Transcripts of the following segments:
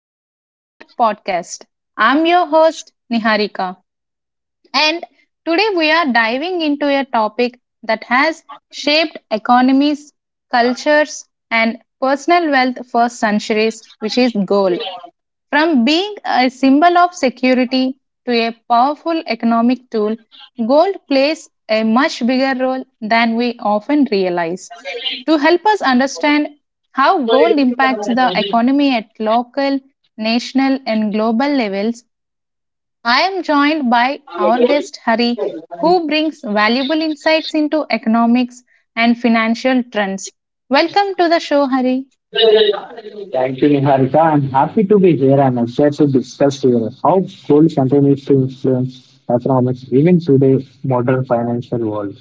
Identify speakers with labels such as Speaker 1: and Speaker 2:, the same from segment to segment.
Speaker 1: Welcome back to our podcast. I'm your host, Niharika. And today we are diving into a topic that has shaped economies, cultures, and personal wealth for centuries, which is gold. From being a symbol of security to a powerful economic tool, gold plays a much bigger role than we often realize. To help us understand how gold impacts the economy at local, national, and global levels, I am joined by our guest Hari, who brings valuable insights into economics and financial trends. Welcome to the show, Hari.
Speaker 2: Thank you, Niharika. I'm happy to be here and excited to discuss here how gold continues to influence economics even today modern financial world.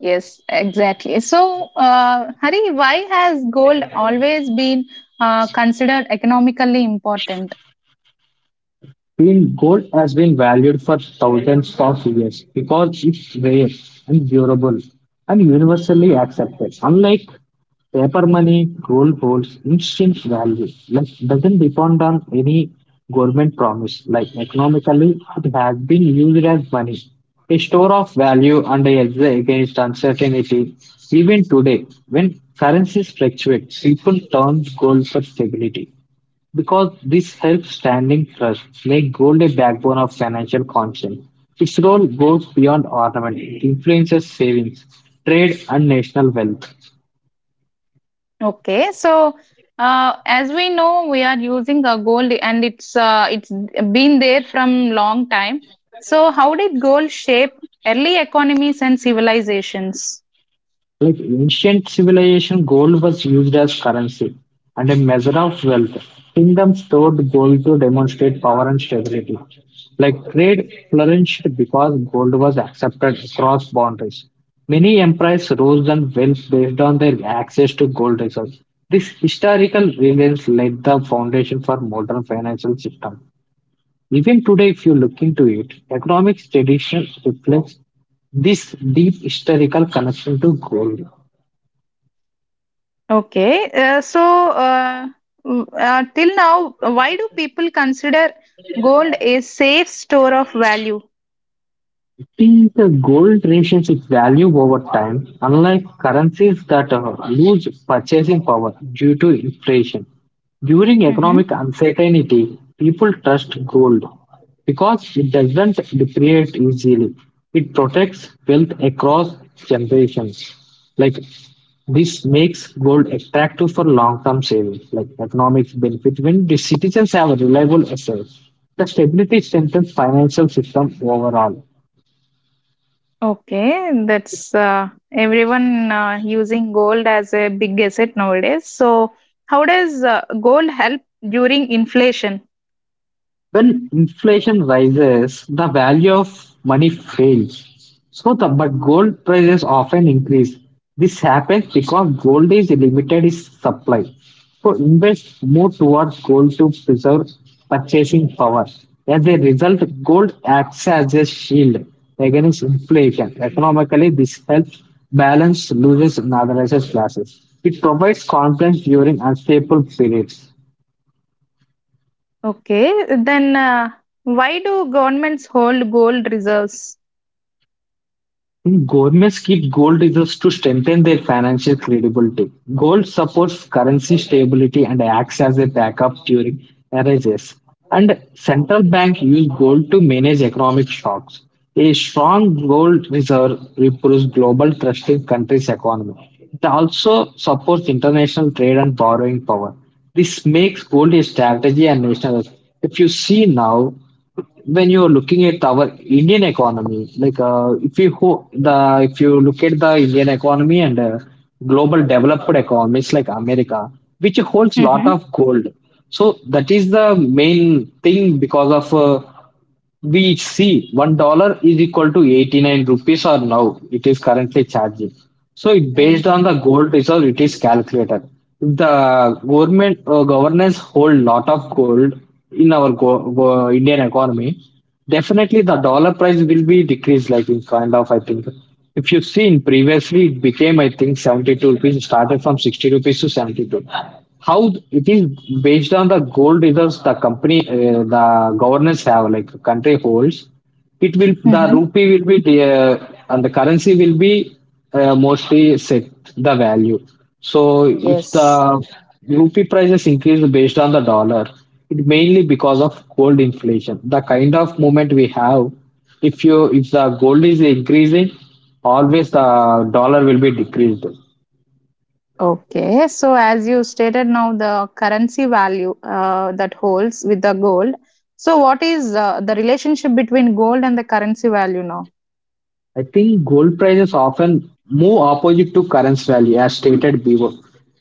Speaker 1: Yes, exactly. So, Hari, why has gold always been considered economically important?
Speaker 2: Field gold has been valued for thousands of years because it's rare and durable and universally accepted. Unlike paper money, gold holds instant value. Like doesn't depend on any government promise. Like economically, it has been used as money, a store of value and a hedge against uncertainty. Even today, when currencies fluctuate, people turn gold for stability because this helps standing trusts make gold a backbone of financial conscience. Its role goes beyond ornament, it influences savings, trade, and national wealth.
Speaker 1: Okay, so as we know, we are using a gold, and it's been there from long time. So, how did gold shape early economies and civilizations?
Speaker 2: Like ancient civilization, gold was used as currency and a measure of wealth. Kingdoms stored gold to demonstrate power and stability. Like trade flourished because gold was accepted across boundaries. Many empires rose and fell based on their access to gold reserves. This historical reliance laid the foundation for modern financial system. Even today, if you look into it, economic tradition reflects this deep historical connection to gold.
Speaker 1: Okay, uh, till now, why do people consider gold a safe store of value?
Speaker 2: See, the gold retains its value over time, unlike currencies that lose purchasing power due to inflation. During
Speaker 1: Mm-hmm.
Speaker 2: economic uncertainty, people trust gold because it doesn't depreciate easily. It protects wealth across generations. Like this makes gold attractive for long-term savings, like economic benefit when the citizens have a reliable assets. The stability strengthens financial system overall.
Speaker 1: Okay, that's everyone using gold as a big asset nowadays. So, how does gold help during inflation?
Speaker 2: When inflation rises, the value of money fails. So the but gold prices often increase. This happens because gold is limited its supply. So invest more towards gold to preserve purchasing power. As a result, gold acts as a shield against inflation. Economically, this helps balance losers and organized classes. It provides confidence during unstable periods.
Speaker 1: Okay, then why do governments hold gold reserves?
Speaker 2: Governments keep gold reserves to strengthen their financial credibility. Gold supports currency stability and acts as a backup during crises. And central bank use gold to manage economic shocks. A strong gold reserve improves global trust in countries' economy. It also supports international trade and borrowing power. This makes gold a strategy and national. If you see now, when you're looking at our Indian economy, like if you look at the Indian economy and global developed economies like America, which holds lot
Speaker 1: Mm-hmm.
Speaker 2: of gold, so that is the main thing because of we see $1 is equal to 89 rupees or now it is currently charging. So it
Speaker 1: Mm.
Speaker 2: based on the gold reserve, it is calculated. If the government governance hold lot of gold in our Indian economy, definitely, the dollar price will be decreased, like in kind of, I think. If you've seen previously, it became, I think, 72 rupees. It started from 60 rupees to 72. How it is based on the gold reserves the company, the governance have, like the country holds it will the
Speaker 1: Mm-hmm.
Speaker 2: rupee will be the, and the currency will be mostly set the value so if
Speaker 1: Yes.
Speaker 2: the rupee prices increase based on the dollar it mainly because of gold inflation the kind of movement we have if you if the gold is increasing always the dollar will be decreased.
Speaker 1: Okay. So as you stated now, the currency value that holds with the gold. So what is the relationship between gold and the currency value now?
Speaker 2: I think gold prices often move opposite to currency value, as stated before.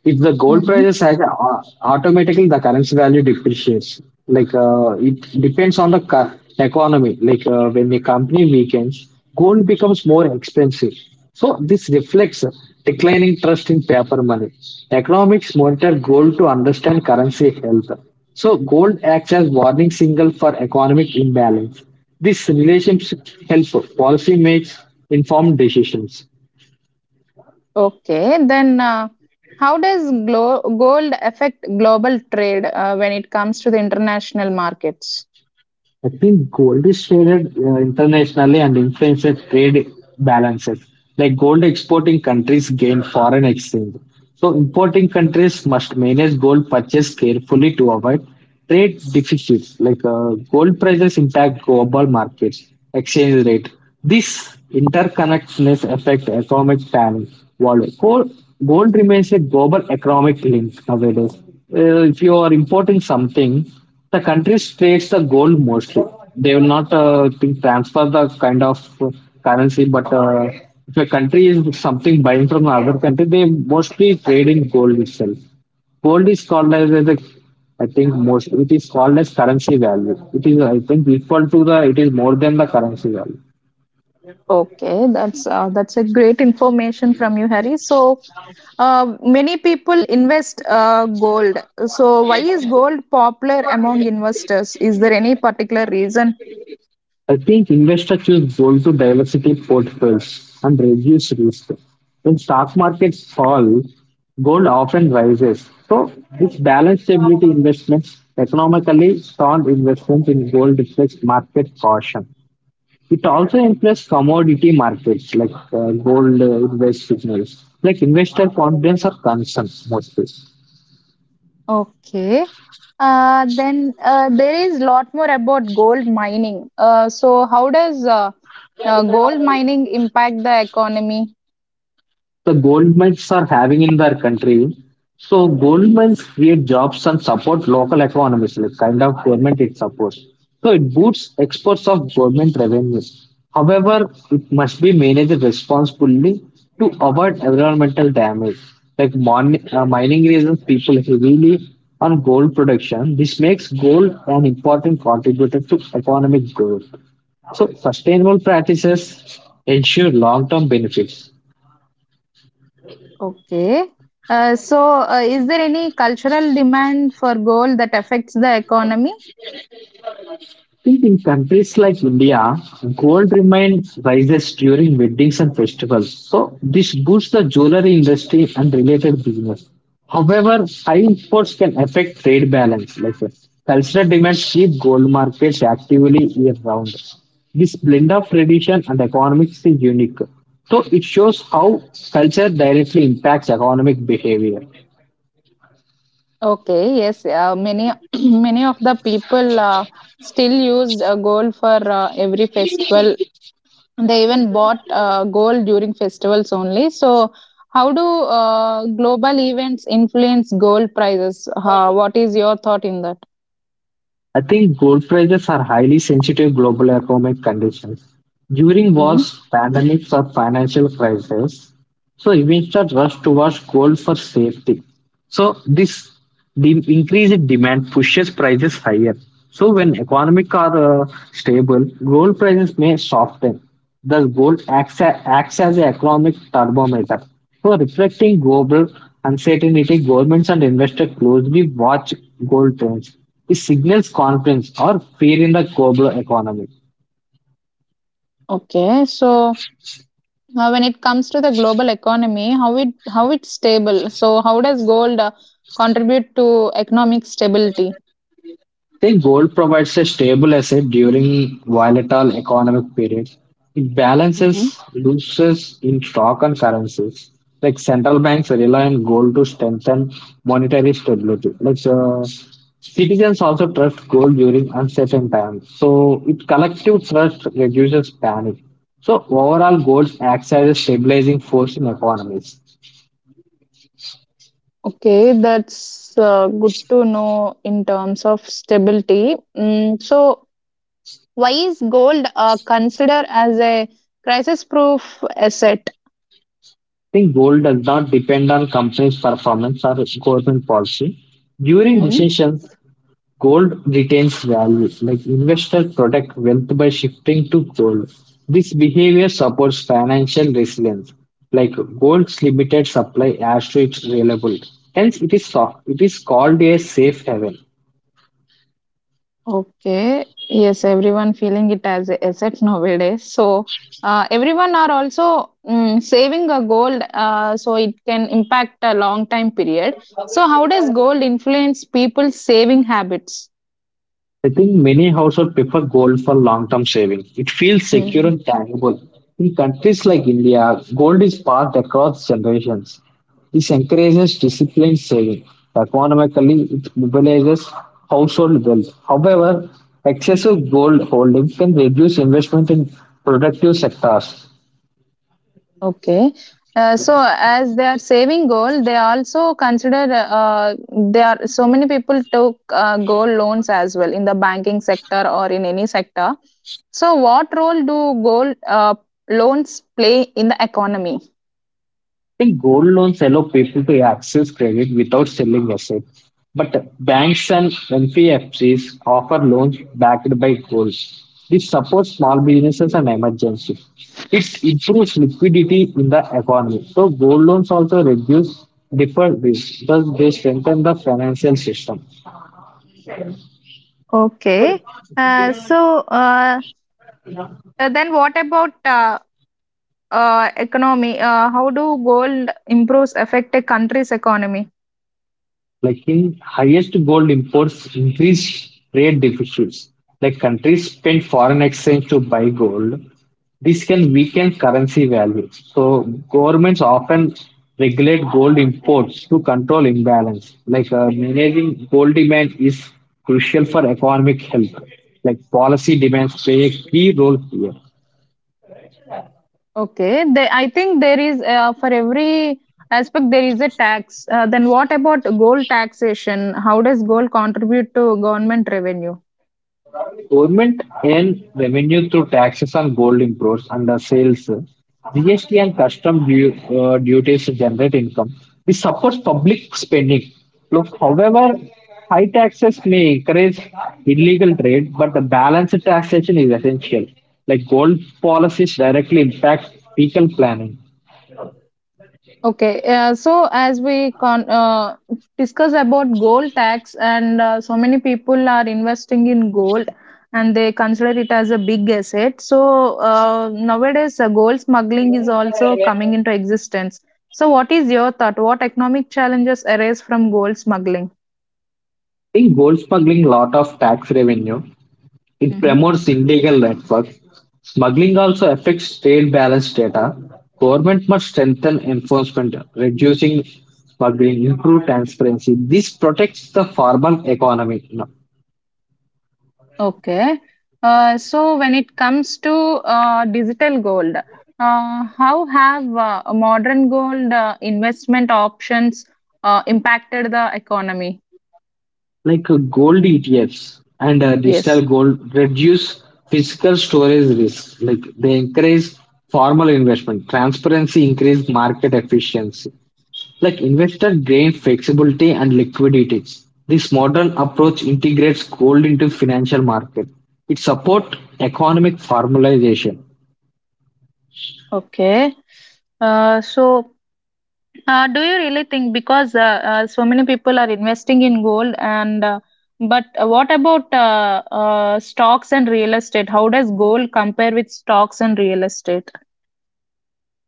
Speaker 2: If the gold prices high, automatically the currency value depreciates. Like it depends on the economy. Like when the company weakens, gold becomes more expensive. So this reflects declining trust in paper money. Economics monitor gold to understand currency health. So gold acts as warning signal for economic imbalance. This relationship helps policy makes informed decisions.
Speaker 1: Okay, then how does gold affect global trade when it comes to the international markets?
Speaker 2: I think gold is traded internationally and influences trade balances. Like gold exporting countries gain foreign exchange. So importing countries must manage gold purchase carefully to avoid trade deficits. Like gold prices impact global markets, exchange rate. This interconnectedness affects economic planning. World gold, gold remains a global economic link nowadays. If you are importing something, the country trades the gold mostly. They will not think transfer the kind of currency, but if a country is something buying from another country, they mostly trade in gold itself. Gold is called as the I think most it is called as currency value. It is I think equal to the it is more than the currency value.
Speaker 1: Okay, that's a great information from you, Harry. So many people invest gold. So why is gold popular among investors? Is there any particular reason?
Speaker 2: I think investors choose gold to diversify portfolios and reduce risk. When stock markets fall, gold often rises. So this balanced stability investments, economically sound investments in gold reflects market caution. It also influences commodity markets like gold invest signals, like investor confidence or concern mostly.
Speaker 1: Okay. Then there is lot more about gold mining. So how does gold mining impact the economy?
Speaker 2: The gold mines are having in their country. So gold mines create jobs and support local economies, like kind of government it supports. So it boosts exports of government revenues. However, it must be managed responsibly to avoid environmental damage. Like mining reasons people heavily on gold production. This makes gold an important contributor to economic growth. So sustainable practices ensure long-term benefits.
Speaker 1: Okay. Is there any cultural demand for gold that affects the economy?
Speaker 2: In countries like India, gold remains rises during weddings and festivals. So this boosts the jewelry industry and related business. However, high imports can affect trade balance. Like cultural demands keep gold markets actively year round. This blend of tradition and economics is unique. So it shows how culture directly impacts economic behavior.
Speaker 1: Okay, yes, many many of the people still used gold for every festival. They even bought gold during festivals only. So, how do global events influence gold prices? What is your thought in that?
Speaker 2: I think gold prices are highly sensitive global economic conditions. During
Speaker 1: Hmm.
Speaker 2: wars, pandemics, or financial crises, so investors rush towards gold for safety. So this the increased demand pushes prices higher. So when economic are stable, gold prices may soften. Thus, gold acts, acts as an economic thermometer. So reflecting global uncertainty, governments and investors closely watch gold trends. It signals confidence or fear in the global economy.
Speaker 1: Okay, so when it comes to the global economy, how it's stable. So how does gold contribute to economic stability?
Speaker 2: Think gold provides a stable asset during volatile economic periods. It
Speaker 1: Hmm.
Speaker 2: balances losses in stock and currencies. Like central banks rely on gold to strengthen monetary stability. Like citizens also trust gold during uncertain times. So it collective trust reduces panic. So overall, gold acts as a stabilizing force in economies.
Speaker 1: Okay, that's good to know in terms of stability. So why is gold considered as a crisis-proof asset?
Speaker 2: I think gold does not depend on companies' performance or government policy during recessions. Gold retains value, like investors protect wealth by shifting to gold. This behavior supports financial resilience. Like gold's limited supply adds to its reliability. Hence, it is soft. It is called a safe haven.
Speaker 1: Okay. Yes, everyone feeling it as a asset nowadays. So everyone are also saving a gold, so it can impact a long time period. So how does gold influence people's saving habits?
Speaker 2: I think many households prefer gold for long term saving. It feels secure and tangible. In countries like India, gold is passed across generations. This encourages disciplined saving. Economically, it mobilizes household wealth. However, excessive gold holding can reduce investment in productive sectors.
Speaker 1: Okay. So as their saving goal, they also consider uh, there are so many people took gold loans as well in the banking sector or in any sector. So what role do gold loans play in the economy?
Speaker 2: I think gold loans allow people to access credit without selling assets, but banks and NBFCs offer loans backed by gold. This supports small businesses and emergencies. It improves liquidity in the economy. So gold loans also reduce deferred risk, thus they strengthen the financial system.
Speaker 1: Okay. So then what about economy? How do gold improves affect a country's economy?
Speaker 2: Like in highest gold imports increase trade deficits, like countries spend foreign exchange to buy gold, this can weaken currency values, so governments often regulate gold imports to control imbalance. Like managing gold demand is crucial for economic health, like policy demands play a key role here.
Speaker 1: Okay, they, I think there is for every aspect there is a tax. Then what about gold taxation? How does gold contribute to government revenue?
Speaker 2: Government earn revenue through taxes on gold imports and the sales, GST and duties generate income. This supports public spending. Look, however, high taxes may encourage illegal trade, but the balanced taxation is essential. Like gold policies directly impact fiscal planning.
Speaker 1: Okay, so as we discuss about gold tax, and so many people are investing in gold and they consider it as a big asset. So nowadays, gold smuggling is also coming into existence. So, what is your thought? What economic challenges arise from gold smuggling?
Speaker 2: I think gold smuggling lot of tax revenue. It promotes illegal networks. Smuggling also affects trade balance data. Government must strengthen enforcement, reducing smuggling, improve transparency. This protects the formal economy. You
Speaker 1: Okay. So when it comes to digital gold, how have modern gold investment options impacted the economy?
Speaker 2: like gold ETFs and digital
Speaker 1: Yes.
Speaker 2: gold reduce physical storage risk. Like they encourage formal investment. Transparency increase market efficiency. Like investor gain flexibility and liquidity. This modern approach integrates gold into financial market. It supports economic formalization.
Speaker 1: Okay. So, do you really think because so many people are investing in gold and but what about stocks and real estate? How does gold compare with stocks and real estate?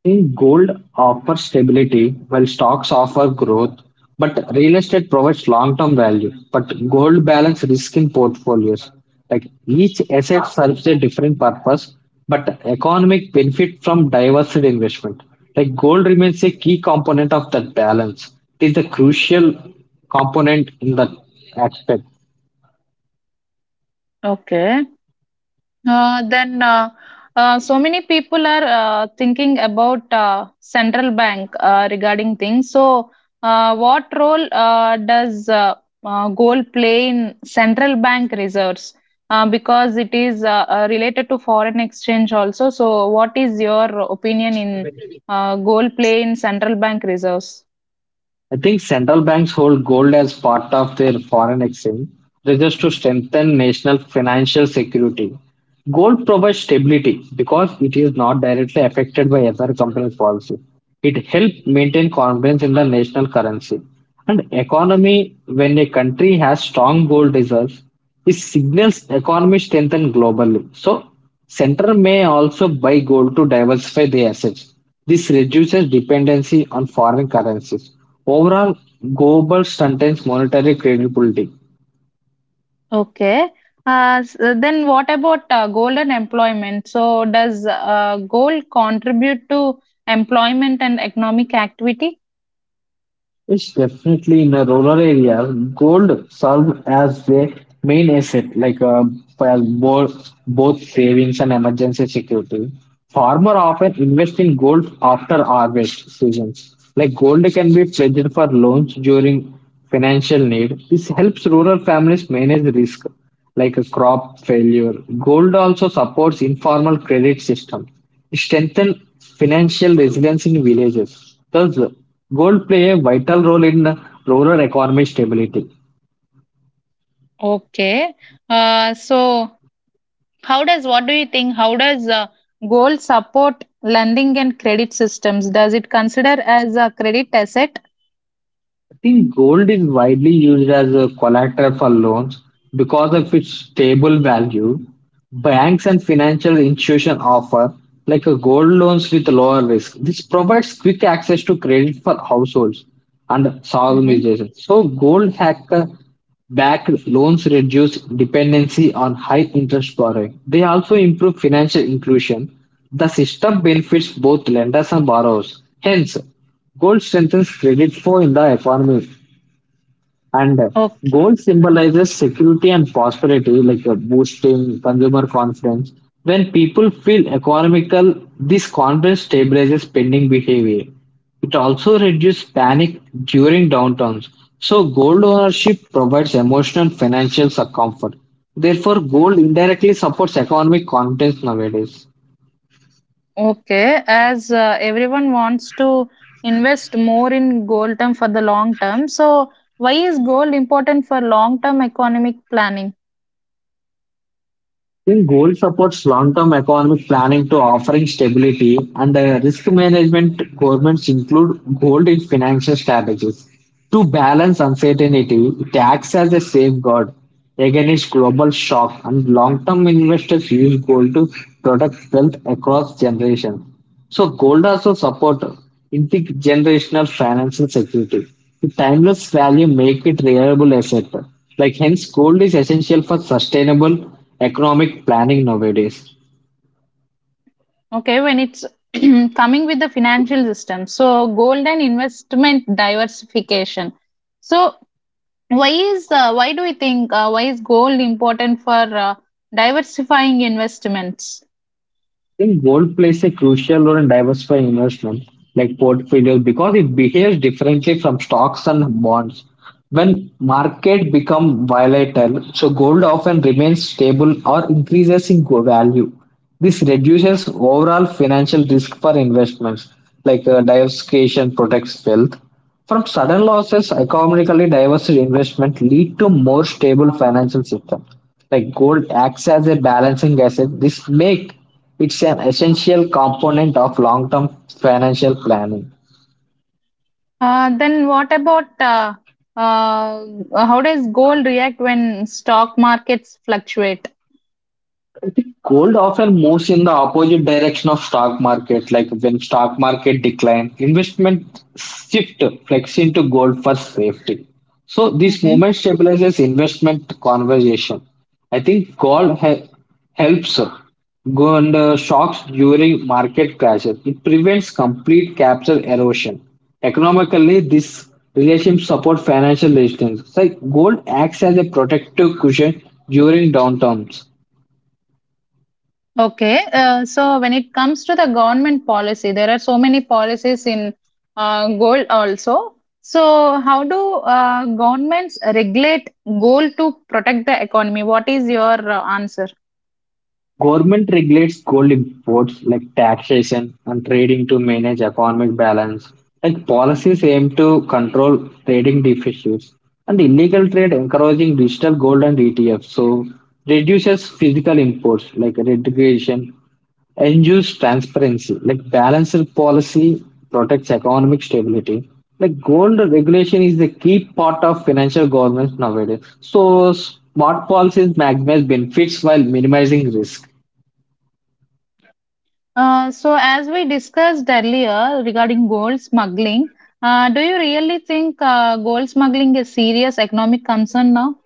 Speaker 2: Think gold offers stability while stocks offer growth, but real estate provides long term value. But gold balance risk in portfolios. Like each asset serves a different purpose, but economic benefit from diversified investment. Like gold remains a key component of that balance. It is the crucial component in that aspect.
Speaker 1: Okay. Then so many people are thinking about central bank regarding things. So, what role does gold play in central bank reserves? Because it is related to foreign exchange also. So, what is your opinion in gold play in central bank reserves?
Speaker 2: I think central banks hold gold as part of their foreign exchange reserves to strengthen national financial security. Gold provides stability because it is not directly affected by other companies' policy. It helps maintain confidence in the national currency. And economy, when a country has strong gold reserves, it signals economy strength and globally. So, center may also buy gold to diversify their assets. This reduces dependency on foreign currencies. Overall, gold strengthens monetary credibility.
Speaker 1: Okay. Then what about gold and employment? So does gold contribute to employment and economic activity?
Speaker 2: It's definitely in a rural area. Gold serves as a main asset, like for both savings and emergency security. Farmer often invest in gold after harvest seasons. Like gold can be pledged for loans during financial need. This helps rural families manage risk, like a crop failure. Gold also supports informal credit system strengthen financial resilience in villages. Thus, gold play a vital role in rural economic stability.
Speaker 1: Okay. So how does what do you think? How does gold support lending and credit systems? Does it consider as a credit asset?
Speaker 2: I think gold is widely used as a collateral for loans because of its stable value. Banks and financial institutions offer like a gold loans with lower risk. This provides quick access to credit for households and
Speaker 1: Mm-hmm.
Speaker 2: organizations. So gold hacker backed loans reduce dependency on high interest borrowing. They also improve financial inclusion. The system benefits both lenders and borrowers. Hence, gold strengthens credit flow in the economy, and
Speaker 1: Okay.
Speaker 2: gold symbolizes security and prosperity, boosting consumer confidence. When people feel economical, this confidence stabilizes spending behavior. It also reduces panic during downturns. So, gold ownership provides emotional financial comfort. Therefore, gold indirectly supports economic confidence nowadays.
Speaker 1: Okay, as everyone wants to invest more in gold term for the long term, so why is gold important for long term economic planning?
Speaker 2: I think goal supports long-term economic planning to offering stability and risk management. Governments include gold in financial strategies to balance uncertainty. It acts as a safeguard against global shock, and long-term investors use gold to protect wealth across generations. So gold also support intergenerational financial security. The timeless value make it reliable asset. Like hence, gold is essential for sustainable economic planning nowadays.
Speaker 1: Okay, when it's coming with the financial system, so gold and investment diversification. So why is why do we think why is gold important for diversifying investments?
Speaker 2: I think gold plays a crucial role in diversifying investment like portfolios because it behaves differently from stocks and bonds. When market become volatile, so gold often remains stable or increases in value. This reduces overall financial risk for investments, like diversification protects wealth. From sudden losses, economically diverse investment lead to more stable financial system. Like gold acts as a balancing asset. This make it is an essential component of long-term financial planning.
Speaker 1: Then what about uh, how does gold react when stock markets fluctuate?
Speaker 2: Gold often moves in the opposite direction of stock market. Like when stock market decline, investment shift flex into gold for safety. So this
Speaker 1: Mhm.
Speaker 2: movement stabilizes investment conversation. I think gold helps go under shocks during market crashes. It prevents complete capital erosion. Economically, this relationship supports financial resistance. It's like gold acts as a protective cushion during downturns.
Speaker 1: Okay. So when it comes to the government policy, there are so many policies in gold also. So how do governments regulate gold to protect the economy? What is your answer?
Speaker 2: Government regulates gold imports like taxation and trading to manage economic balance. Like policies aim to control trading deficits and illegal trade encouraging digital gold and ETFs. So reduces physical imports like litigation, ensures transparency. Like balanced policy protects economic stability. Like gold regulation is the key part of financial governance nowadays. So smart policies maximize benefits while minimizing risk.
Speaker 1: So as we discussed earlier regarding gold smuggling, do you really think gold smuggling is serious economic concern now?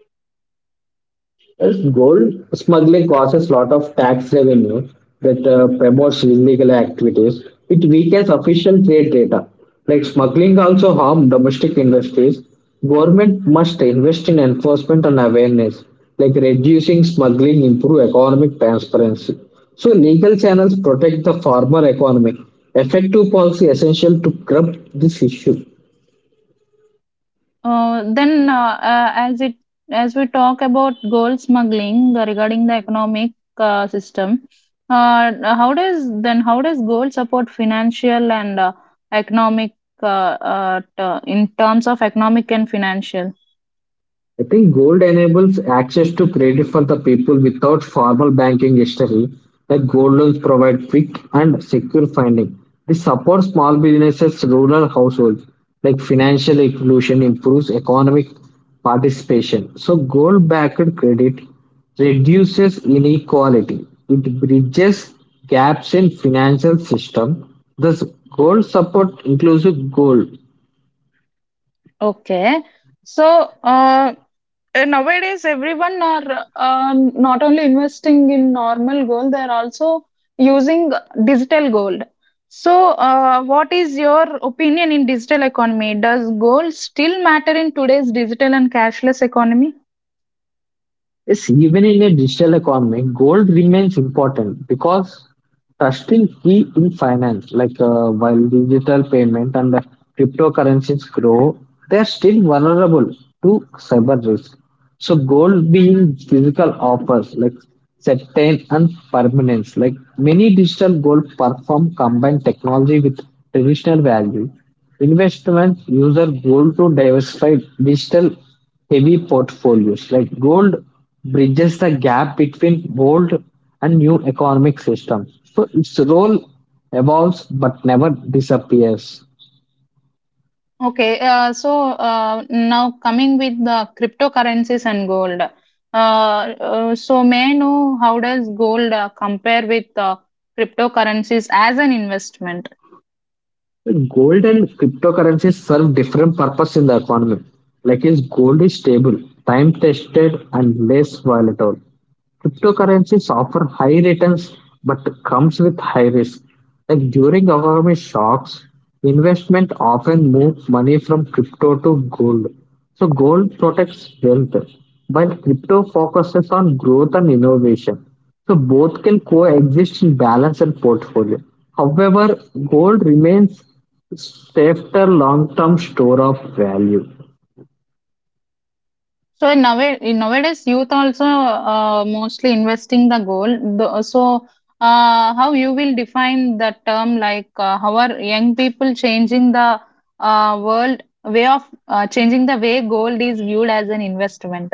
Speaker 2: Yes, gold smuggling causes lot of tax revenue that promotes illegal activities. It weakens official trade data. Like smuggling also harm domestic industries. Government must invest in enforcement and awareness. Like reducing smuggling improve economic transparency. So legal channels protect the farmer economy. Effective policy essential to curb this issue.
Speaker 1: Then, as we talk about gold smuggling regarding the economic system, uh, how does gold support financial and economic, in terms of economic and financial?
Speaker 2: I think gold enables access to credit for the people without formal banking history. Like gold loans provide quick and secure funding. This supports small businesses, rural households. Like financial inclusion improves economic participation. So gold-backed credit reduces inequality. It bridges gaps in financial system. Thus, gold support inclusive goal.
Speaker 1: Okay. So, uh, nowadays everyone are not only investing in normal gold, they're also using digital gold. So, what is your opinion in digital economy? Does gold still matter in today's digital and cashless economy?
Speaker 2: Yes, even in a digital economy, gold remains important because trust is key in finance. While digital payment and the cryptocurrencies grow, they are still vulnerable to cyber risk. So gold being physical offers like certain and permanence. Like many digital gold platform combine technology with traditional value. Investments use our gold to diversify digital heavy portfolios. Like gold bridges the gap between old and new economic systems. So its role evolves but never disappears.
Speaker 1: Okay, now coming with the cryptocurrencies and gold. So, may I know how does gold compare with cryptocurrencies as an investment?
Speaker 2: Gold and cryptocurrencies serve different purpose in the economy. Like is gold is stable, time tested and less volatile. Cryptocurrencies offer high returns but comes with high risk. Like during economic shocks, investment often move money from crypto to gold. So gold protects wealth, while crypto focuses on growth and innovation. So both can coexist in balance and portfolio. However, gold remains safer long-term store of value.
Speaker 1: So in nowadays youth also mostly investing the goal. The, so how you will define the term like how are young people changing the world way of changing the way gold is viewed as an investment?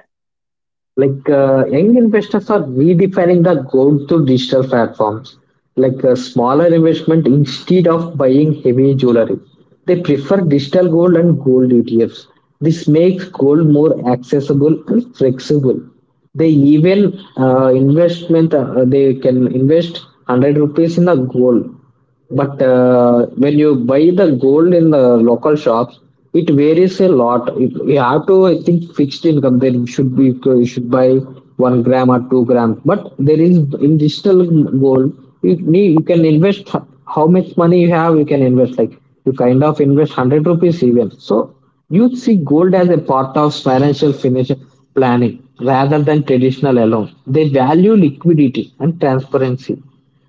Speaker 2: Young investors are redefining the goal to digital platforms. Like a smaller investment instead of buying heavy jewelry, they prefer digital gold and gold ETFs. This makes gold more accessible and flexible. They even investment they can invest 100 rupees in a gold. But when you buy the gold in the local shops, it varies a lot. It, you have to, I think, fixed income. Then you should buy 1 gram or 2 grams. But there is in digital gold, you can invest how much money you have. You can invest like you kind of invest 100 rupees even. So you see gold as a part of financial planning rather than traditional alone. They value liquidity and transparency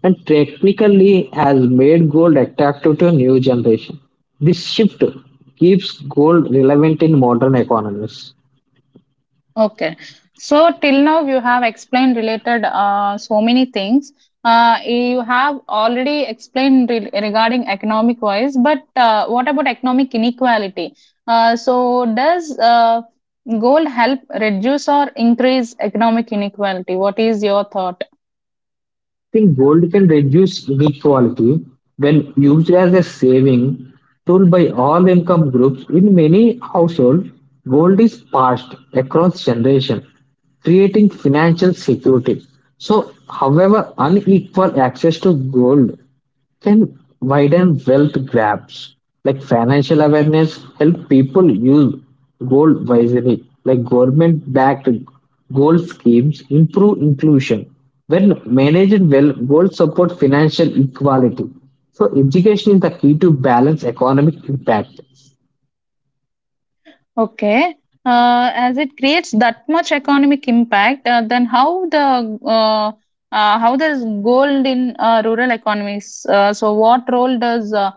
Speaker 2: and technically has made gold attractive to a new generation. This shift keeps gold relevant in modern economies.
Speaker 1: Okay. So till now you have explained related so many things. You have already explained regarding economic wise, but what about economic inequality? So, does gold help reduce or increase economic inequality? What is your thought?
Speaker 2: I think gold can reduce inequality when used as a saving tool by all income groups. In many households, gold is passed across generations, creating financial security. So, however, unequal access to gold can widen wealth gaps. Like financial awareness help people use gold wisely. Like government-backed gold schemes improve inclusion. When managed well, gold support financial equality. So education is the key to balance economic impact.
Speaker 1: Okay. As it creates that much economic impact, then how the uh, how does gold in rural economies? So, what role does uh,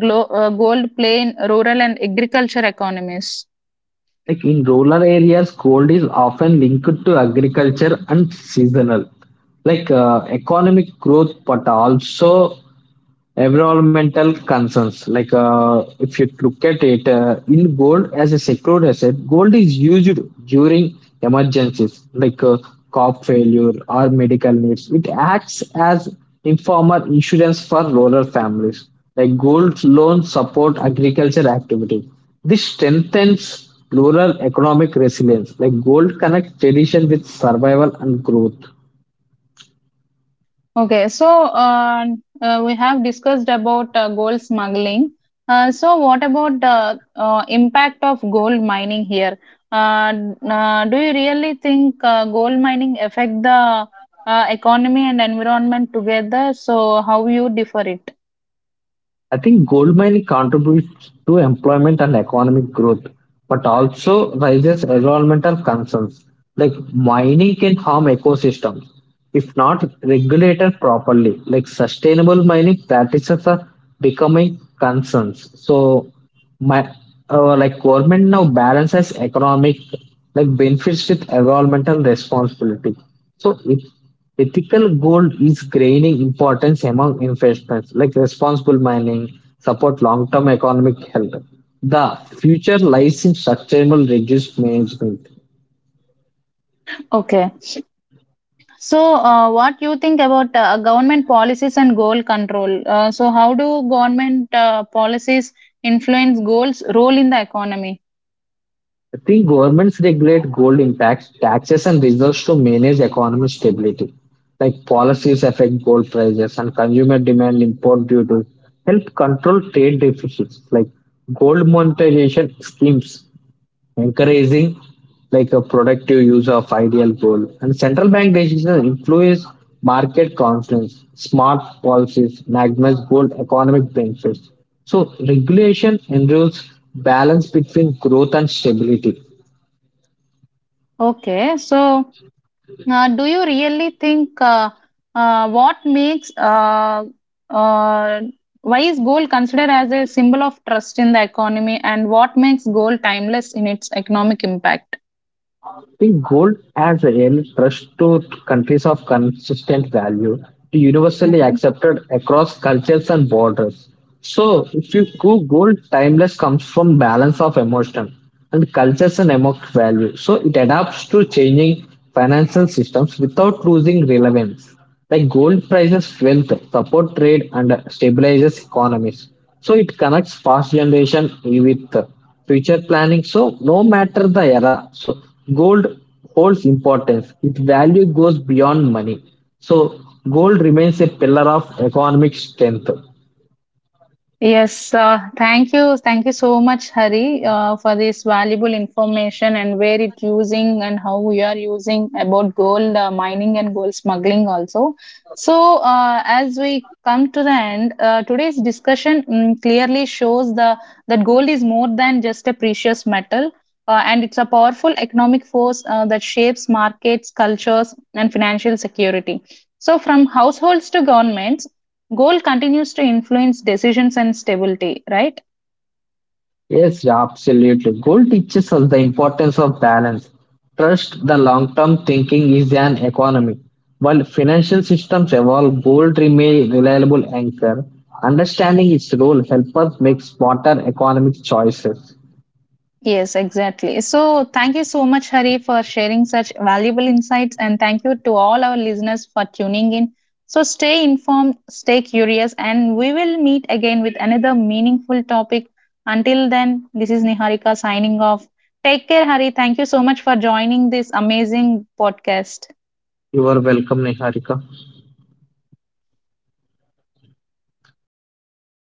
Speaker 1: glo- uh, gold play in rural and agriculture economies?
Speaker 2: Like in rural areas, gold is often linked to agriculture and seasonal economic growth but also environmental concerns like if you look at it in gold as a secured asset gold is used during emergencies like crop failure or medical needs, it acts as informal insurance for rural families. Like gold loans support agriculture activity. This strengthens rural economic resilience. Like gold connects tradition with survival and growth.
Speaker 1: Okay, so uh, we have discussed about gold smuggling. So, what about the impact of gold mining here? Do you really think gold mining affect the economy and environment together? So, how you differ it?
Speaker 2: I think gold mining contributes to employment and economic growth, but also raises environmental concerns. Like mining can harm ecosystems if not regulated properly. Like sustainable mining practices are becoming concerns. So my like government now balances economic like benefits with environmental responsibility. So if ethical gold is gaining importance among investments, like responsible mining support long term economic health. The future lies in sustainable reduced management.
Speaker 1: Okay. So, what you think about government policies and gold control? So, how do government policies influence gold's role in the economy?
Speaker 2: I think governments regulate gold impacts, taxes, and reserves to manage economic stability. Like policies affect gold prices and consumer demand import duties help control trade deficits. Like gold monetization schemes encouraging like a productive use of ideal gold and central bank decisions influence market confidence. Smart policies maximize gold economic benefits. So regulation ensures balance between growth and stability.
Speaker 1: Okay, so. Now, do you really think what makes uh, why is gold considered as a symbol of trust in the economy, and what makes gold timeless in its economic impact?
Speaker 2: The gold as a real trust to countries of consistent value to universally
Speaker 1: Mhm.
Speaker 2: accepted across cultures and borders. So if you go gold, timeless comes from balance of emotion and cultures and emotional value. So it adapts to changing financial systems without losing relevance. Like gold prices wealth, support trade and stabilizes economies. So it connects past generation with future planning. So no matter the era, so gold holds importance. Its value goes beyond money. So gold remains a pillar of economic strength.
Speaker 1: Yes, thank you. Thank you so much, Hari, for this valuable information and where it using and how we are using about gold mining and gold smuggling also. So, as we come to the end, today's discussion clearly shows the that gold is more than just a precious metal, and it's a powerful economic force that shapes markets, cultures, and financial security. So, from households to governments, Goal continues to influence decisions and stability, right?
Speaker 2: Yes, yeah, absolutely. Goal teaches us the importance of balance. Trust the long-term thinking is an economy. While financial systems evolve, gold remain reliable anchor. Understanding its role helps us make smarter economic choices.
Speaker 1: Yes, exactly. So, thank you so much, Hari, for sharing such valuable insights. And thank you to all our listeners for tuning in. So, stay informed, stay curious, and we will meet again with another meaningful topic. Until then, this is Niharika signing off. Take care, Hari. Thank you so much for joining this amazing podcast.
Speaker 2: You are welcome, Niharika.